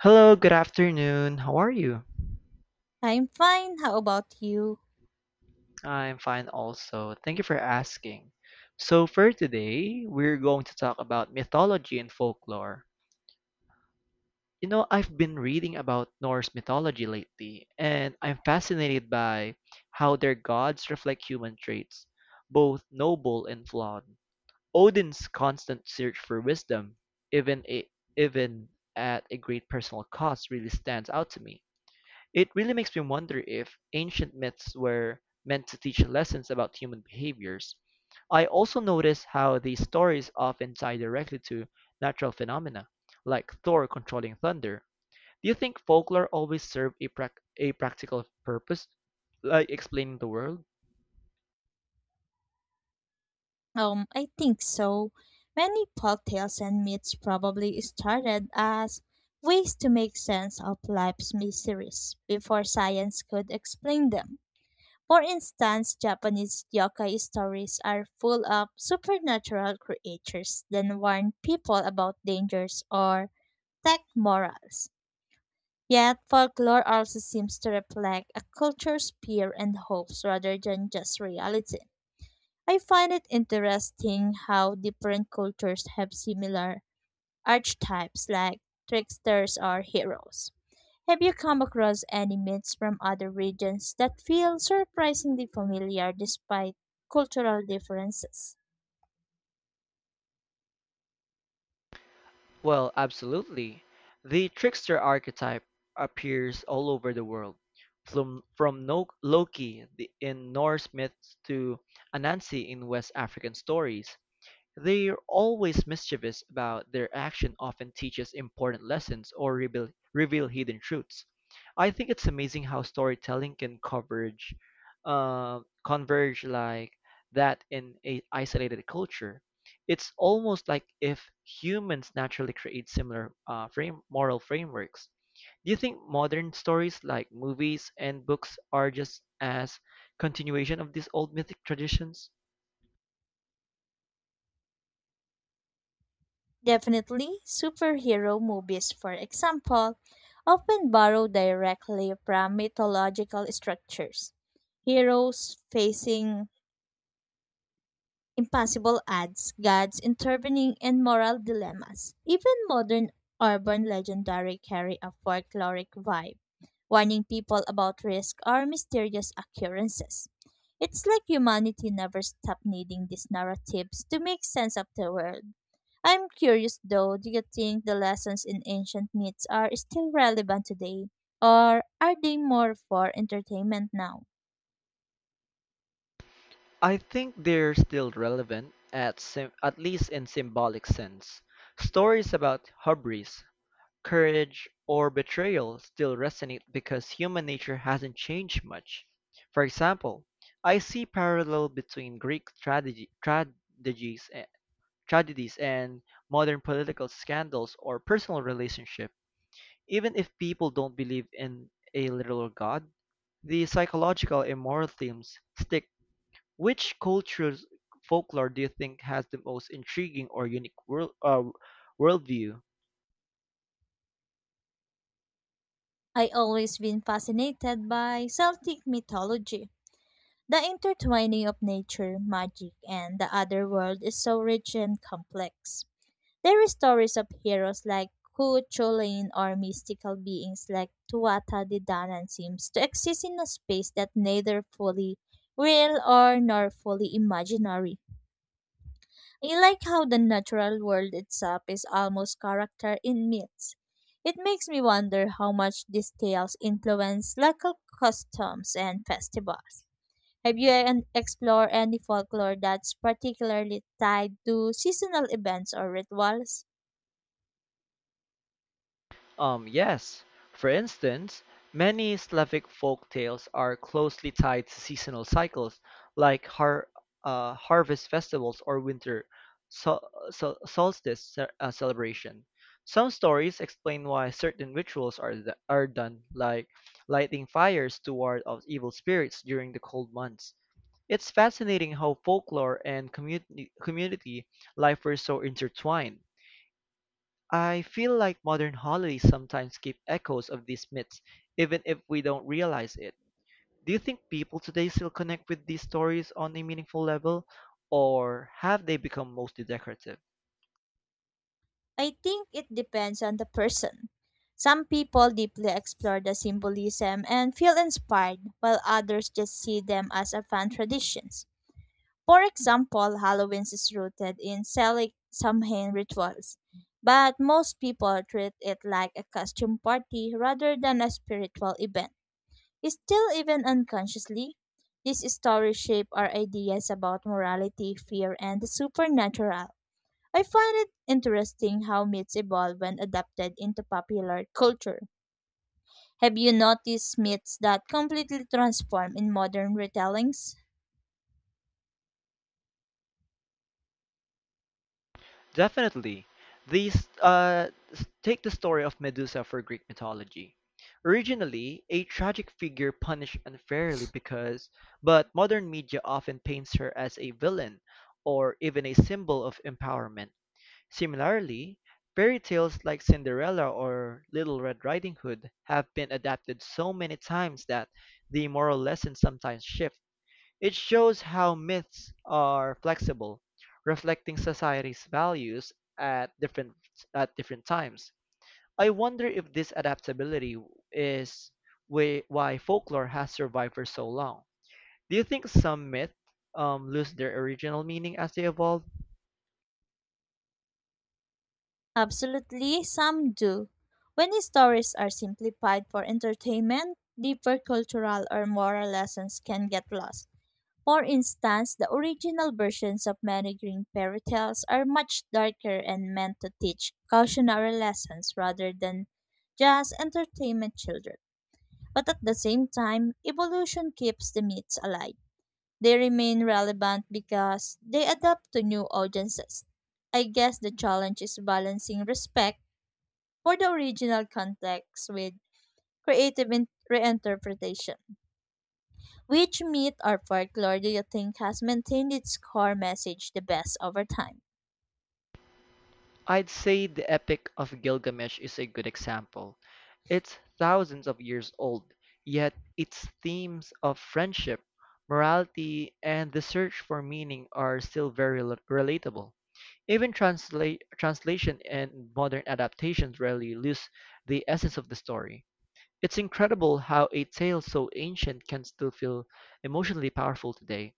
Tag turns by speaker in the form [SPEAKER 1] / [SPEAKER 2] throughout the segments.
[SPEAKER 1] Hello, good afternoon. How are you?
[SPEAKER 2] I'm fine. How about you?
[SPEAKER 1] I'm fine also. Thank you for asking. So, for today, we're going to talk about mythology and folklore. You know, I've been reading about Norse mythology lately, and I'm fascinated by how their gods reflect human traits, both noble and flawed. Odin's constant search for wisdom, even, a, even at a great personal cost, really stands out to me. It really makes me wonder if ancient myths were meant to teach lessons about human behaviors. I also notice how these stories often tie directly to natural phenomena, like Thor controlling thunder. Do you think folklore always served a practical purpose, like explaining the world?
[SPEAKER 2] I think so. Many folktales and myths probably started as ways to make sense of life's mysteries before science could explain them. For instance, Japanese yokai stories are full of supernatural creatures that warn people about dangers or protect morals. Yet, folklore also seems to reflect a culture's fear and hopes rather than just reality. I find it interesting how different cultures have similar archetypes like tricksters or heroes. Have you come across any myths from other regions that feel surprisingly familiar despite cultural differences?
[SPEAKER 1] Well, absolutely. The trickster archetype appears all over the world, from no- Loki in Norse myths to Anansi in West African stories. They're always mischievous about their action often teaches important lessons or reveal hidden truths. I think it's amazing how storytelling can uh, converge like that in a isolated culture. It's almost like if humans naturally create similar frame moral frameworks. Do you think modern stories like movies and books are just as continuation of these old mythic traditions?
[SPEAKER 2] Definitely, superhero movies, for example, often borrow directly from mythological structures. Heroes facing impossible ads, gods intervening, and moral dilemmas. Even modern urban legendary carry a folkloric vibe, warning people about risk or mysterious occurrences. It's like humanity never stopped needing these narratives to make sense of the world. I'm curious though, do you think the lessons in ancient myths are still relevant today, or are they more for entertainment now?
[SPEAKER 1] I think they're still relevant at least in symbolic sense. Stories about hubris, courage, or betrayal still resonate because human nature hasn't changed much. For example, I see parallel between Greek tragedies and modern political scandals or personal relationship. Even if people don't believe in a literal god, the psychological and moral themes stick. Which culture's folklore do you think has the most intriguing or unique worldview?
[SPEAKER 2] I always been fascinated by Celtic mythology. The intertwining of nature, magic, and the other world is so rich and complex. There are stories of heroes like Ku Chulain or mystical beings like Tuatha De Danann seems to exist in a space that neither fully real or nor fully imaginary. I like how the natural world itself is almost character in myths. It makes me wonder how much these tales influence local customs and festivals. Have you explored any folklore that's particularly tied to seasonal events or rituals?
[SPEAKER 1] Yes. For instance, many Slavic folk tales are closely tied to seasonal cycles, like harvest festivals or winter solstice celebration. Some stories explain why certain rituals are done, like lighting fires to ward off evil spirits during the cold months. It's fascinating how folklore and community life were so intertwined. I feel like modern holidays sometimes keep echoes of these myths, even if we don't realize it. Do you think people today still connect with these stories on a meaningful level, or have they become mostly decorative?
[SPEAKER 2] I think it depends on the person. Some people deeply explore the symbolism and feel inspired, while others just see them as a fun traditions. For example, Halloween is rooted in Celtic Samhain rituals, but most people treat it like a costume party rather than a spiritual event. Still, even unconsciously, these stories shape our ideas about morality, fear, and the supernatural. I find it interesting how myths evolve when adapted into popular culture. Have you noticed myths that completely transform in modern retellings?
[SPEAKER 1] Definitely. Take the story of Medusa for Greek mythology. Originally, a tragic figure punished unfairly because, but modern media often paints her as a villain or even a symbol of empowerment. Similarly, fairy tales like Cinderella or Little Red Riding Hood have been adapted so many times that the moral lessons sometimes shift. It shows how myths are flexible, reflecting society's values at different at different times. I wonder if this adaptability is why folklore has survived for so long. Do you think some myths lose their original meaning as they evolve?
[SPEAKER 2] Absolutely, some do. When stories are simplified for entertainment, deeper cultural or moral lessons can get lost. For instance, the original versions of many green fairy tales are much darker and meant to teach cautionary lessons rather than just entertainment children. But at the same time, evolution keeps the myths alive. They remain relevant because they adapt to new audiences. I guess the challenge is balancing respect for the original context with reinterpretation. Which myth or folklore do you think has maintained its core message the best over time?
[SPEAKER 1] I'd say the Epic of Gilgamesh is a good example. It's thousands of years old, yet its themes of friendship, morality, and the search for meaning are still very relatable. Even translation and modern adaptations rarely lose the essence of the story. It's incredible how a tale so ancient can still feel emotionally powerful today.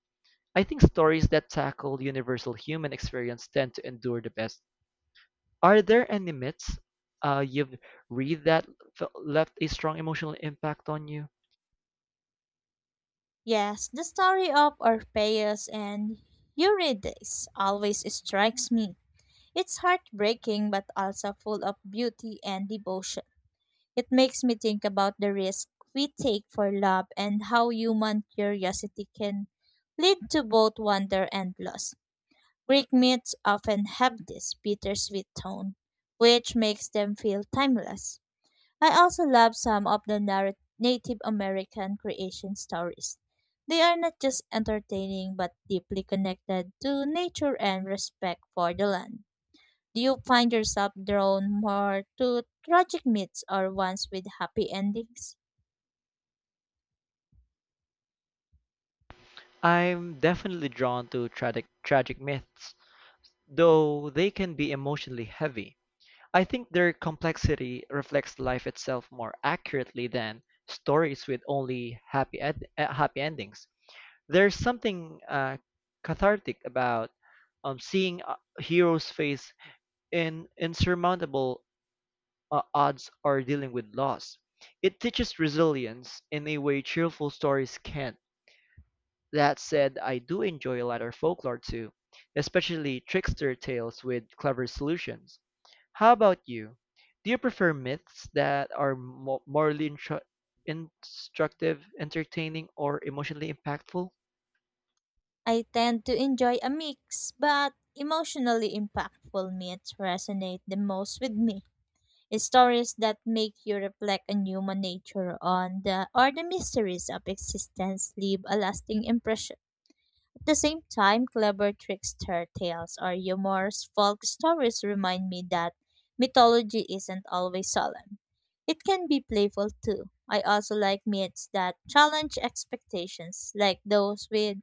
[SPEAKER 1] I think stories that tackle universal human experience tend to endure the best. Are there any myths you've read that left a strong emotional impact on you?
[SPEAKER 2] Yes, the story of Orpheus and Eurydice always strikes me. It's heartbreaking but also full of beauty and devotion. It makes me think about the risk we take for love and how human curiosity can lead to both wonder and loss. Greek myths often have this bittersweet tone, which makes them feel timeless. I also love some of the Native American creation stories. They are not just entertaining but deeply connected to nature and respect for the land. Do you find yourself drawn more to tragic myths or ones with happy endings?
[SPEAKER 1] I'm definitely drawn to tragic myths, though they can be emotionally heavy. I think their complexity reflects life itself more accurately than stories with only happy endings. There's something cathartic about seeing heroes face in insurmountable odds or dealing with loss. It teaches resilience in a way cheerful stories can't. That said, I do enjoy lighter folklore too, especially trickster tales with clever solutions. How about you? Do you prefer myths that are instructive, entertaining, or emotionally impactful?
[SPEAKER 2] I tend to enjoy a mix, but emotionally impactful myths resonate the most with me. Stories that make you reflect on human nature on the or the mysteries of existence leave a lasting impression. At the same time, clever trickster tales or humorous folk stories remind me that mythology isn't always solemn. It can be playful too. I also like myths that challenge expectations, like those with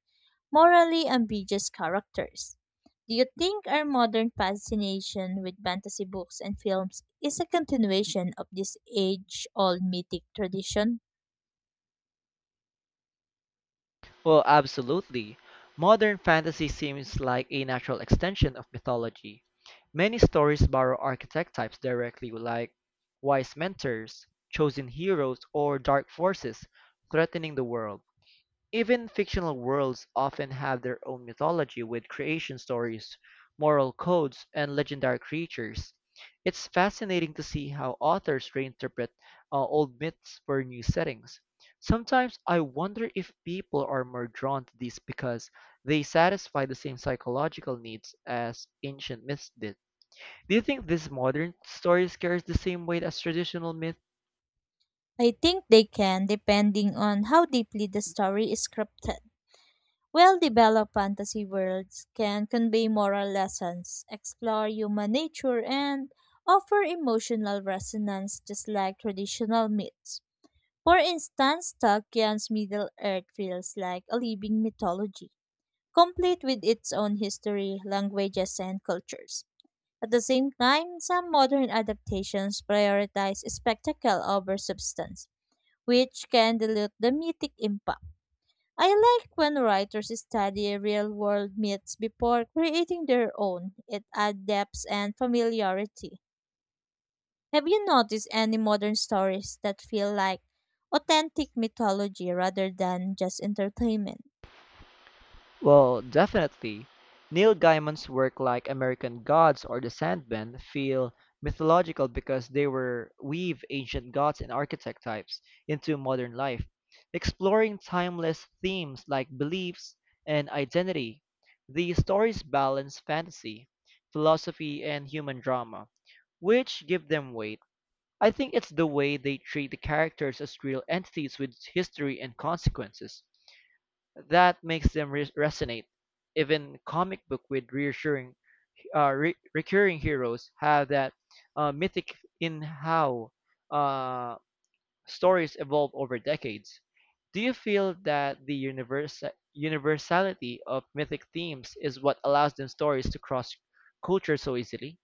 [SPEAKER 2] morally ambiguous characters. Do you think our modern fascination with fantasy books and films is a continuation of this age old mythic tradition?
[SPEAKER 1] Well, absolutely. Modern fantasy seems like a natural extension of mythology. Many stories borrow archetype types directly, like wise mentors, chosen heroes, or dark forces threatening the world. Even fictional worlds often have their own mythology with creation stories, moral codes, and legendary creatures. It's fascinating to see how authors reinterpret old myths for new settings. Sometimes I wonder if people are more drawn to these because they satisfy the same psychological needs as ancient myths did. Do you think these modern stories carry the same weight as traditional myths?
[SPEAKER 2] I think they can, depending on how deeply the story is scripted. Well developed fantasy worlds can convey moral lessons, explore human nature, and offer emotional resonance just like traditional myths. For instance, Tolkien's Middle Earth feels like a living mythology, complete with its own history, languages, and cultures. At the same time, some modern adaptations prioritize spectacle over substance, which can dilute the mythic impact. I like when writers study real world myths before creating their own. It adds depth and familiarity. Have you noticed any modern stories that feel like authentic mythology rather than just entertainment?
[SPEAKER 1] Well, definitely. Neil Gaiman's work like American Gods or The Sandman feel mythological because they were weave ancient gods and architect types into modern life, exploring timeless themes like beliefs and identity. The stories balance fantasy, philosophy, and human drama, which give them weight. I think it's the way they treat the characters as real entities with history and consequences. That makes them resonate. Even comic book with recurring heroes have that mythic in how uh, stories evolve over decades. Do you feel that the universality of mythic themes is what allows them stories to cross culture so easily?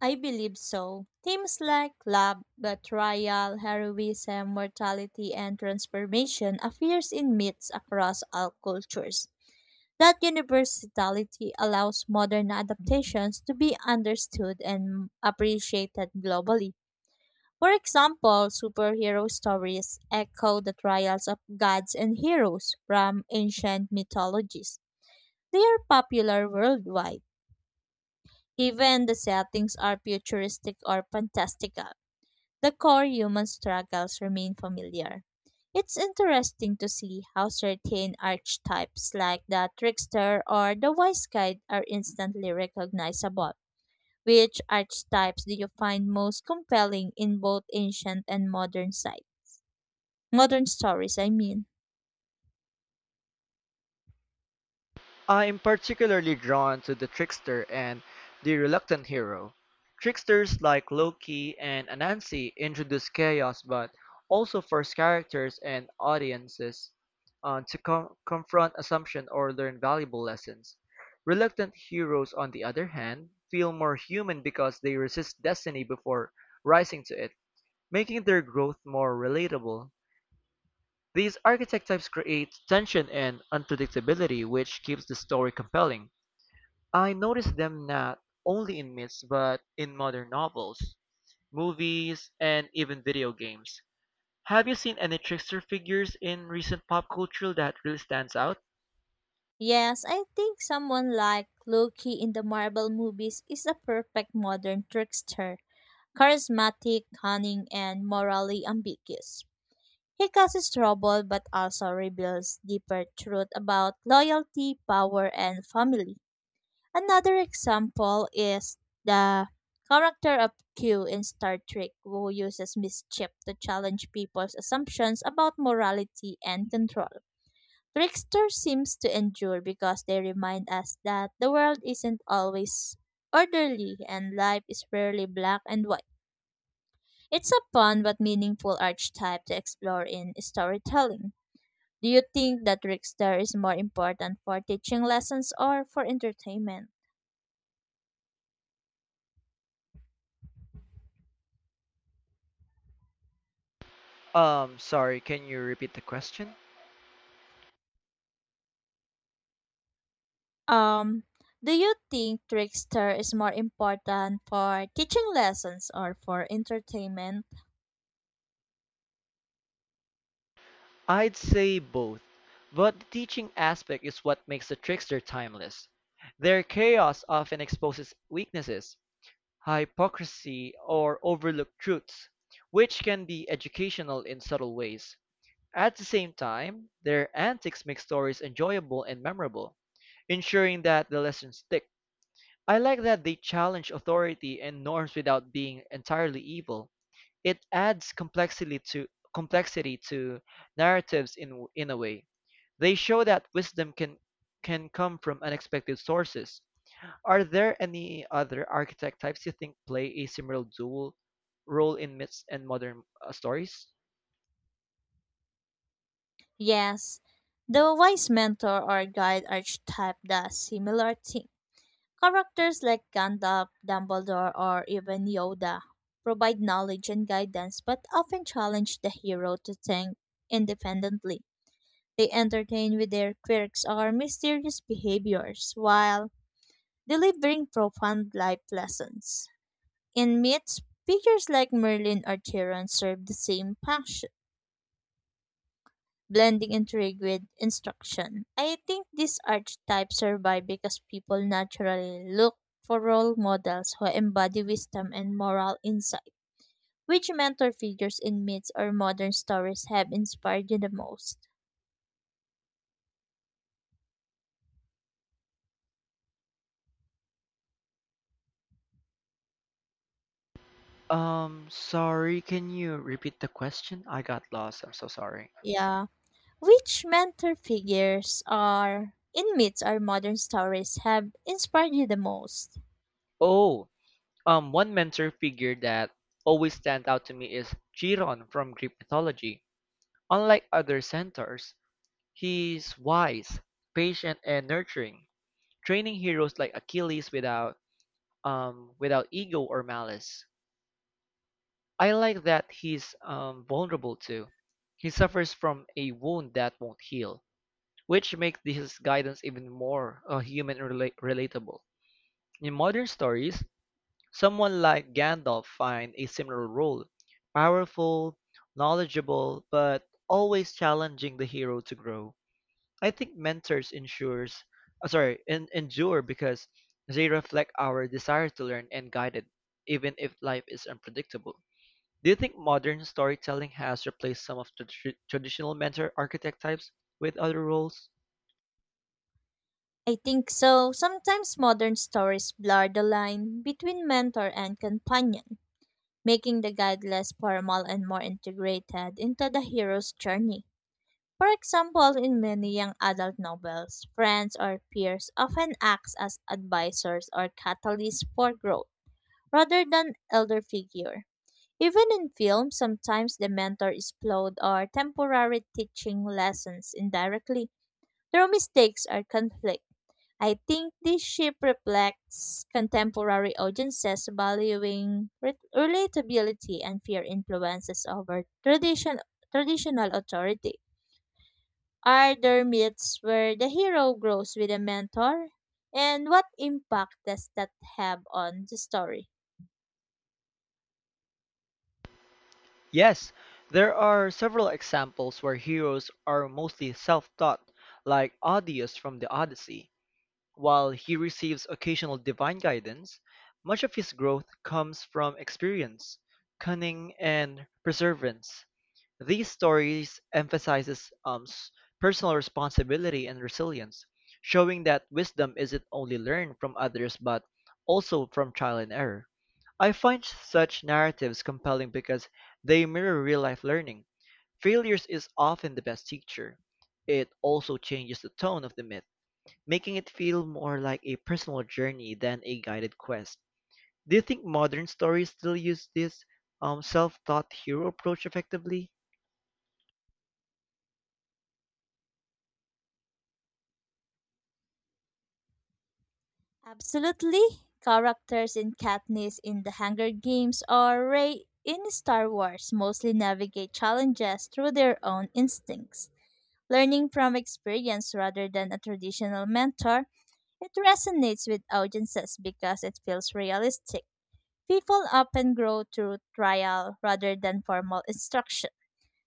[SPEAKER 2] I believe so. Themes like love, betrayal, heroism, mortality, and transformation appears in myths across all cultures. That universality allows modern adaptations to be understood and appreciated globally. For example, superhero stories echo the trials of gods and heroes from ancient mythologies. They are popular worldwide, even the settings are futuristic or fantastical. The core human struggles remain familiar. It's interesting to see how certain archetypes like the trickster or the wise guide are instantly recognizable. Which archetypes do you find most compelling in both ancient and modern site? Modern stories, I mean.
[SPEAKER 1] I am particularly drawn to the trickster and the reluctant hero. Tricksters like Loki and Anansi introduce chaos but also force characters and audiences confront assumption or learn valuable lessons. Reluctant heroes, on the other hand, feel more human because they resist destiny before rising to it, making their growth more relatable. These architect types create tension and unpredictability, which keeps the story compelling. I notice them not only in myths but in modern novels, movies, and even video games. Have you seen any trickster figures in recent pop culture that really stands out?
[SPEAKER 2] Yes, I think someone like Loki in the Marvel movies is a perfect modern trickster, charismatic, cunning, and morally ambiguous. He causes trouble but also reveals deeper truth about loyalty, power, and family. Another example is the character of Q in Star Trek, who uses mischief to challenge people's assumptions about morality and control. Trickster seems to endure because they remind us that the world isn't always orderly and life is rarely black and white. It's a fun but meaningful archetype to explore in storytelling. Do you think that Rickster is more important for teaching lessons or for entertainment?
[SPEAKER 1] Sorry, can you repeat the question?
[SPEAKER 2] Um, do you think Trickster is more important for teaching lessons or for entertainment?
[SPEAKER 1] I'd say both, but the teaching aspect is what makes the trickster timeless. Their chaos often exposes weaknesses, hypocrisy, or overlooked truths, which can be educational in subtle ways. At the same time, their antics make stories enjoyable and memorable, ensuring that the lessons stick. I like that they challenge authority and norms without being entirely evil. It adds complexity to narratives in a way. They show that wisdom can come from unexpected sources. Are there any other architect types you think play a similar dual role in myths and modern stories?
[SPEAKER 2] Yes, the wise mentor or guide archetype does similar thing. Characters like Gandalf, Dumbledore, or even Yoda provide knowledge and guidance but often challenge the hero to think independently. They entertain with their quirks or mysterious behaviors while delivering profound life lessons. In myths, figures like Merlin or Chiron serve the same function, blending intrigue with instruction. I think these archetypes survive because people naturally look for role models who embody wisdom and moral insight. Which mentor figures in myths or modern stories have inspired you the most?
[SPEAKER 1] Sorry, can you repeat the question? I got lost. I'm so sorry.
[SPEAKER 2] Yeah. Which mentor figures or inmates or modern stories have inspired you the most?
[SPEAKER 1] Oh, one mentor figure that always stands out to me is Chiron from Greek mythology. Unlike other centaurs, he's wise, patient, and nurturing, training heroes like Achilles without ego or malice. I like that he's vulnerable too. He suffers from a wound that won't heal, which makes his guidance even more human and relatable. In modern stories, someone like Gandalf finds a similar role powerful, knowledgeable, but always challenging the hero to grow. I think mentors endure because they reflect our desire to learn and guide it, even if life is unpredictable. Do you think modern storytelling has replaced some of the traditional mentor archetype types with other roles?
[SPEAKER 2] I think so. Sometimes modern stories blur the line between mentor and companion, making the guide less formal and more integrated into the hero's journey. For example, in many young adult novels, friends or peers often act as advisors or catalysts for growth rather than elder figure. Even in film, sometimes the mentor is flawed or temporary teaching lessons indirectly. Their mistakes are conflict. I think this shift reflects contemporary audiences valuing relatability and fear influences over tradition, traditional authority. Are there myths where the hero grows with a mentor? And what impact does that have on the story?
[SPEAKER 1] Yes, there are several examples where heroes are mostly self-taught, like Odysseus from the Odyssey. While he receives occasional divine guidance, much of his growth comes from experience, cunning, and perseverance. These stories emphasizes personal responsibility and resilience, showing that wisdom isn't only learned from others but also from trial and error. I find such narratives compelling because they mirror real life learning. Failures is often the best teacher. It also changes the tone of the myth, making it feel more like a personal journey than a guided quest. Do you think modern stories still use this self taught hero approach effectively?
[SPEAKER 2] Absolutely. Characters in Katniss in The Hunger Games or Rey in Star Wars mostly navigate challenges through their own instincts. Learning from experience rather than a traditional mentor, it resonates with audiences because it feels realistic. People often grow through trial rather than formal instruction.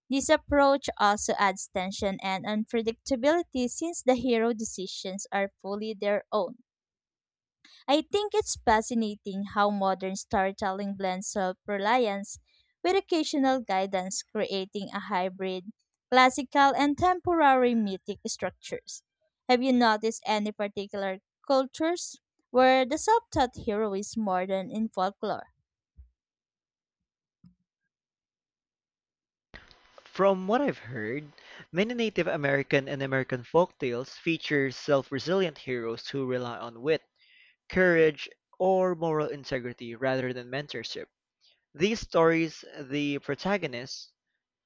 [SPEAKER 2] This approach also adds tension and unpredictability since the hero decisions are fully their own. I think it's fascinating how modern storytelling blends self reliance with occasional guidance, creating a hybrid, classical, and temporary mythic structures. Have you noticed any particular cultures where the self taught hero is more than in folklore?
[SPEAKER 1] From what I've heard, many Native American and American folktales feature self-resilient heroes who rely on wit, courage, or moral integrity rather than mentorship. These stories, the protagonist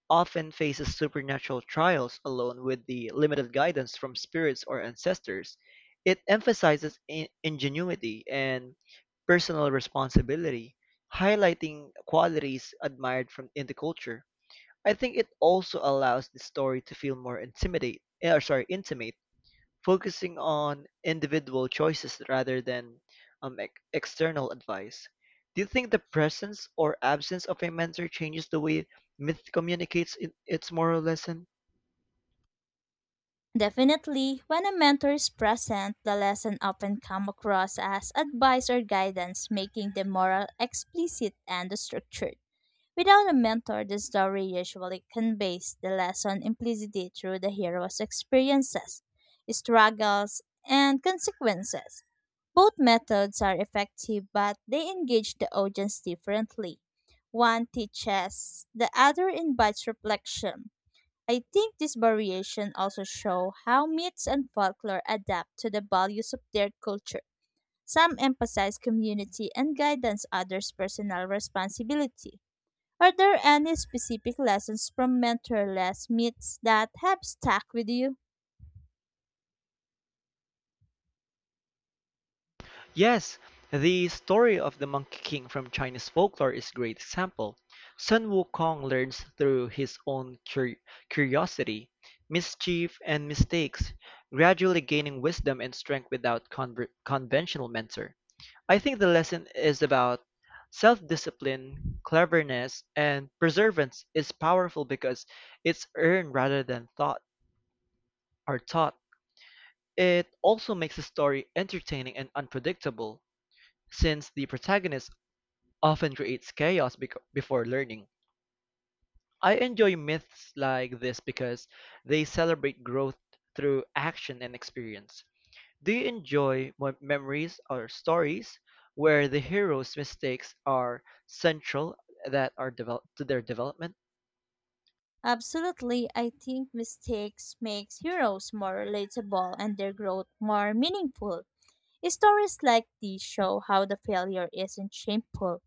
[SPEAKER 1] often faces supernatural trials alone with the limited guidance from spirits or ancestors. It emphasizes ingenuity and personal responsibility, highlighting qualities admired from in the culture. I think it also allows the story to feel more intimidate, eh, or sorry, intimate, focusing on individual choices rather than external advice. Do you think the presence or absence of a mentor changes the way myth communicates in its moral lesson?
[SPEAKER 2] Definitely, when a mentor is present, the lesson often come across as advice or guidance, making the moral explicit and structured. Without a mentor, the story usually conveys the lesson implicitly through the hero's experiences, struggles, and consequences. Both methods are effective, but they engage the audience differently. One teaches, the other invites reflection. I think this variation also shows how myths and folklore adapt to the values of their culture. Some emphasize community and guidance, others personal responsibility. Are there any specific lessons from mentorless myths that have stuck with you?
[SPEAKER 1] Yes, the story of the Monkey King from Chinese folklore is a great example. Sun Wukong learns through his own curiosity, mischief, and mistakes, gradually gaining wisdom and strength without conventional mentor. I think the lesson is about self-discipline, cleverness, and perseverance is powerful because it's earned rather than thought or taught. It also makes the story entertaining and unpredictable since the protagonist often creates chaos before learning. I enjoy myths like this because they celebrate growth through action and experience. Do you enjoy memories or stories where the hero's mistakes are central that are develop to their development?
[SPEAKER 2] Absolutely, I think mistakes makes heroes more relatable and their growth more meaningful. Stories like these show how the failure isn't shameful.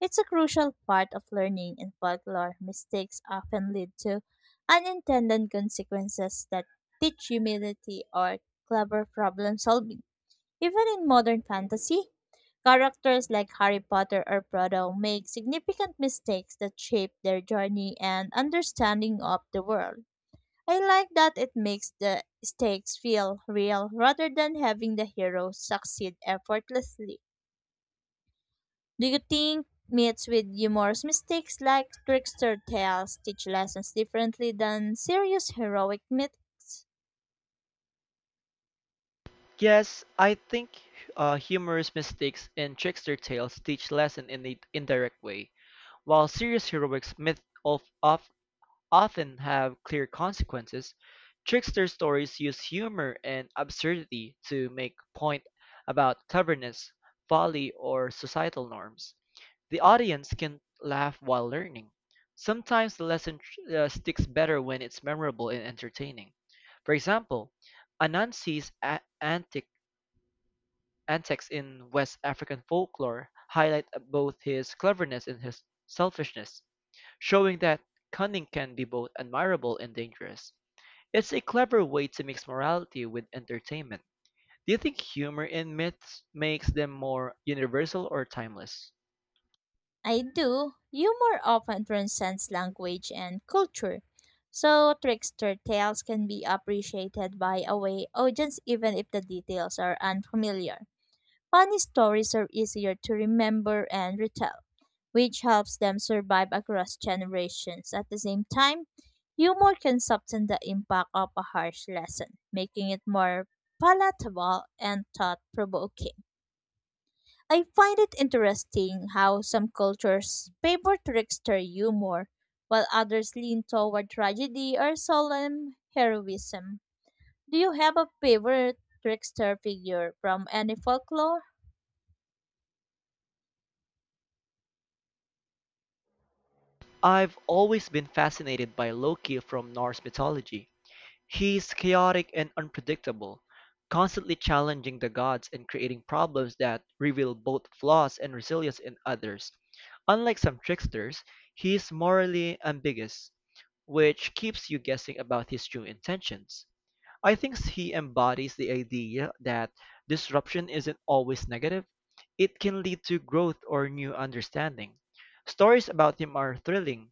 [SPEAKER 2] It's a crucial part of learning in folklore. Mistakes often lead to unintended consequences that teach humility or clever problem solving. Even in modern fantasy, characters like Harry Potter or Proto make significant mistakes that shape their journey and understanding of the world. I like that it makes the stakes feel real rather than having the hero succeed effortlessly. Do you think myths with humorous mistakes like trickster tales teach lessons differently than serious heroic myths?
[SPEAKER 1] Yes, I think humorous mistakes in trickster tales teach lesson in an indirect way, while serious heroics of often have clear consequences, trickster stories use humor and absurdity to make point about stubbornness, folly, or societal norms. The audience can laugh while learning. Sometimes the lesson sticks better when it's memorable and entertaining. For example, Anansi's a- antic antics in West African folklore highlight both his cleverness and his selfishness showing that cunning can be both admirable and dangerous. It's a clever way to mix morality with entertainment. Do you think humor in myths makes them more universal or timeless?
[SPEAKER 2] I do. Humor often transcends language and culture. So, trickster tales can be appreciated by a way audience even if the details are unfamiliar. Funny stories are easier to remember and retell, which helps them survive across generations. At the same time, humor can soften the impact of a harsh lesson, making it more palatable and thought provoking. I find it interesting how some cultures favor trickster humor, while others lean toward tragedy or solemn heroism. Do you have a favorite trickster figure from any folklore?
[SPEAKER 1] I've always been fascinated by Loki from Norse mythology. He is chaotic and unpredictable, constantly challenging the gods and creating problems that reveal both flaws and resilience in others. Unlike some tricksters, he is morally ambiguous, which keeps you guessing about his true intentions. I think he embodies the idea that disruption isn't always negative, it can lead to growth or new understanding. Stories about him are thrilling,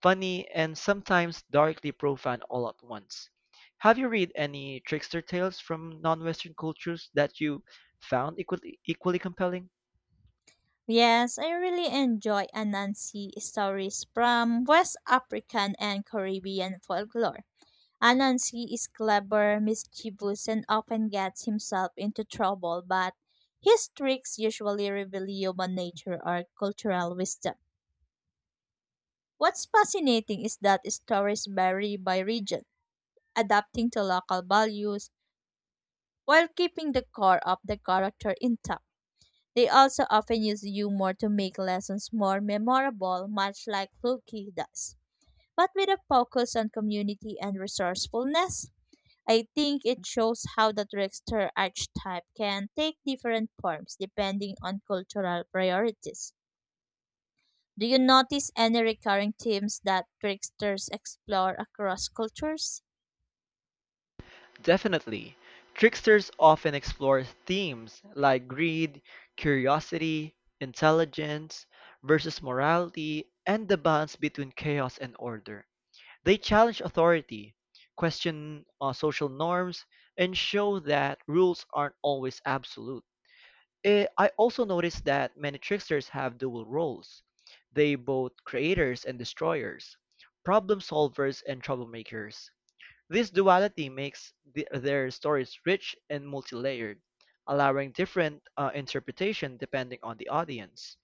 [SPEAKER 1] funny, and sometimes darkly profane all at once. Have you read any trickster tales from non-Western cultures that you found equally compelling?
[SPEAKER 2] Yes, I really enjoy Anansi stories from West African and Caribbean folklore. Anansi is clever, mischievous, and often gets himself into trouble, but his tricks usually reveal human nature or cultural wisdom. What's fascinating is that stories vary by region, adapting to local values while keeping the core of the character intact. They also often use humor to make lessons more memorable, much like Fluky does, but with a focus on community and resourcefulness. I think it shows how the trickster archetype can take different forms depending on cultural priorities. Do you notice any recurring themes that tricksters explore across cultures?
[SPEAKER 1] Definitely. Tricksters often explore themes like greed, curiosity, intelligence versus morality, and the balance between chaos and order. They challenge authority, question social norms, and show that rules aren't always absolute. I also noticed that many tricksters have dual roles. They both creators and destroyers, problem solvers and troublemakers. This duality makes their stories rich and multi-layered, allowing different interpretation depending on the audience.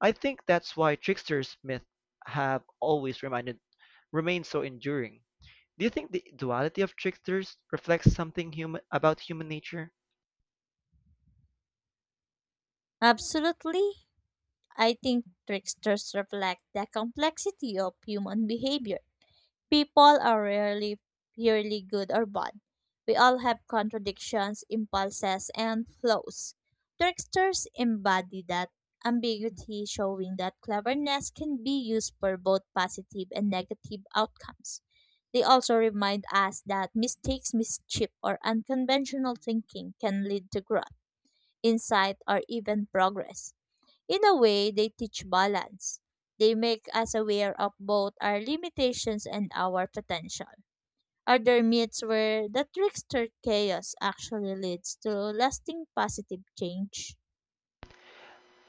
[SPEAKER 1] I think that's why tricksters myth have always reminded remained so enduring. Do you think the duality of tricksters reflects something human about human nature?
[SPEAKER 2] Absolutely. I think tricksters reflect the complexity of human behavior. People are rarely purely good or bad. We all have contradictions, impulses, and flaws. Tricksters embody that ambiguity, showing that cleverness can be used for both positive and negative outcomes. They also remind us that mistakes, mischief, or unconventional thinking can lead to growth, insight, or even progress. In a way, they teach balance. They make us aware of both our limitations and our potential. Are there myths where the trickster chaos actually leads to lasting positive change?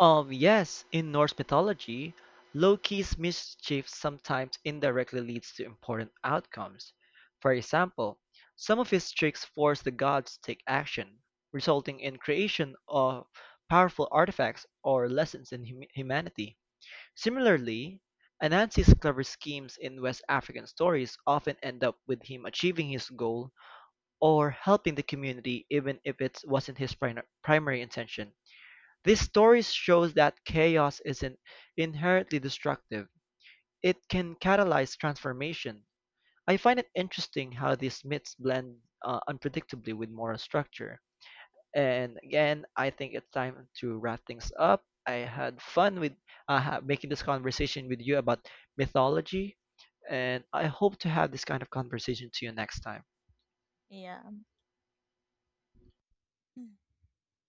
[SPEAKER 1] Yes, in Norse mythology, Loki's mischief sometimes indirectly leads to important outcomes. For example, some of his tricks force the gods to take action, resulting in creation of powerful artifacts or lessons in humanity. Similarly, Anansi's clever schemes in West African stories often end up with him achieving his goal or helping the community even if it wasn't his primary intention. These stories shows that chaos isn't inherently destructive. It can catalyze transformation. I find it interesting how these myths blend unpredictably with moral structure. And again, I think it's time to wrap things up. I had fun with making this conversation with you about mythology, and I hope to have this kind of conversation to you next time.
[SPEAKER 2] Yeah.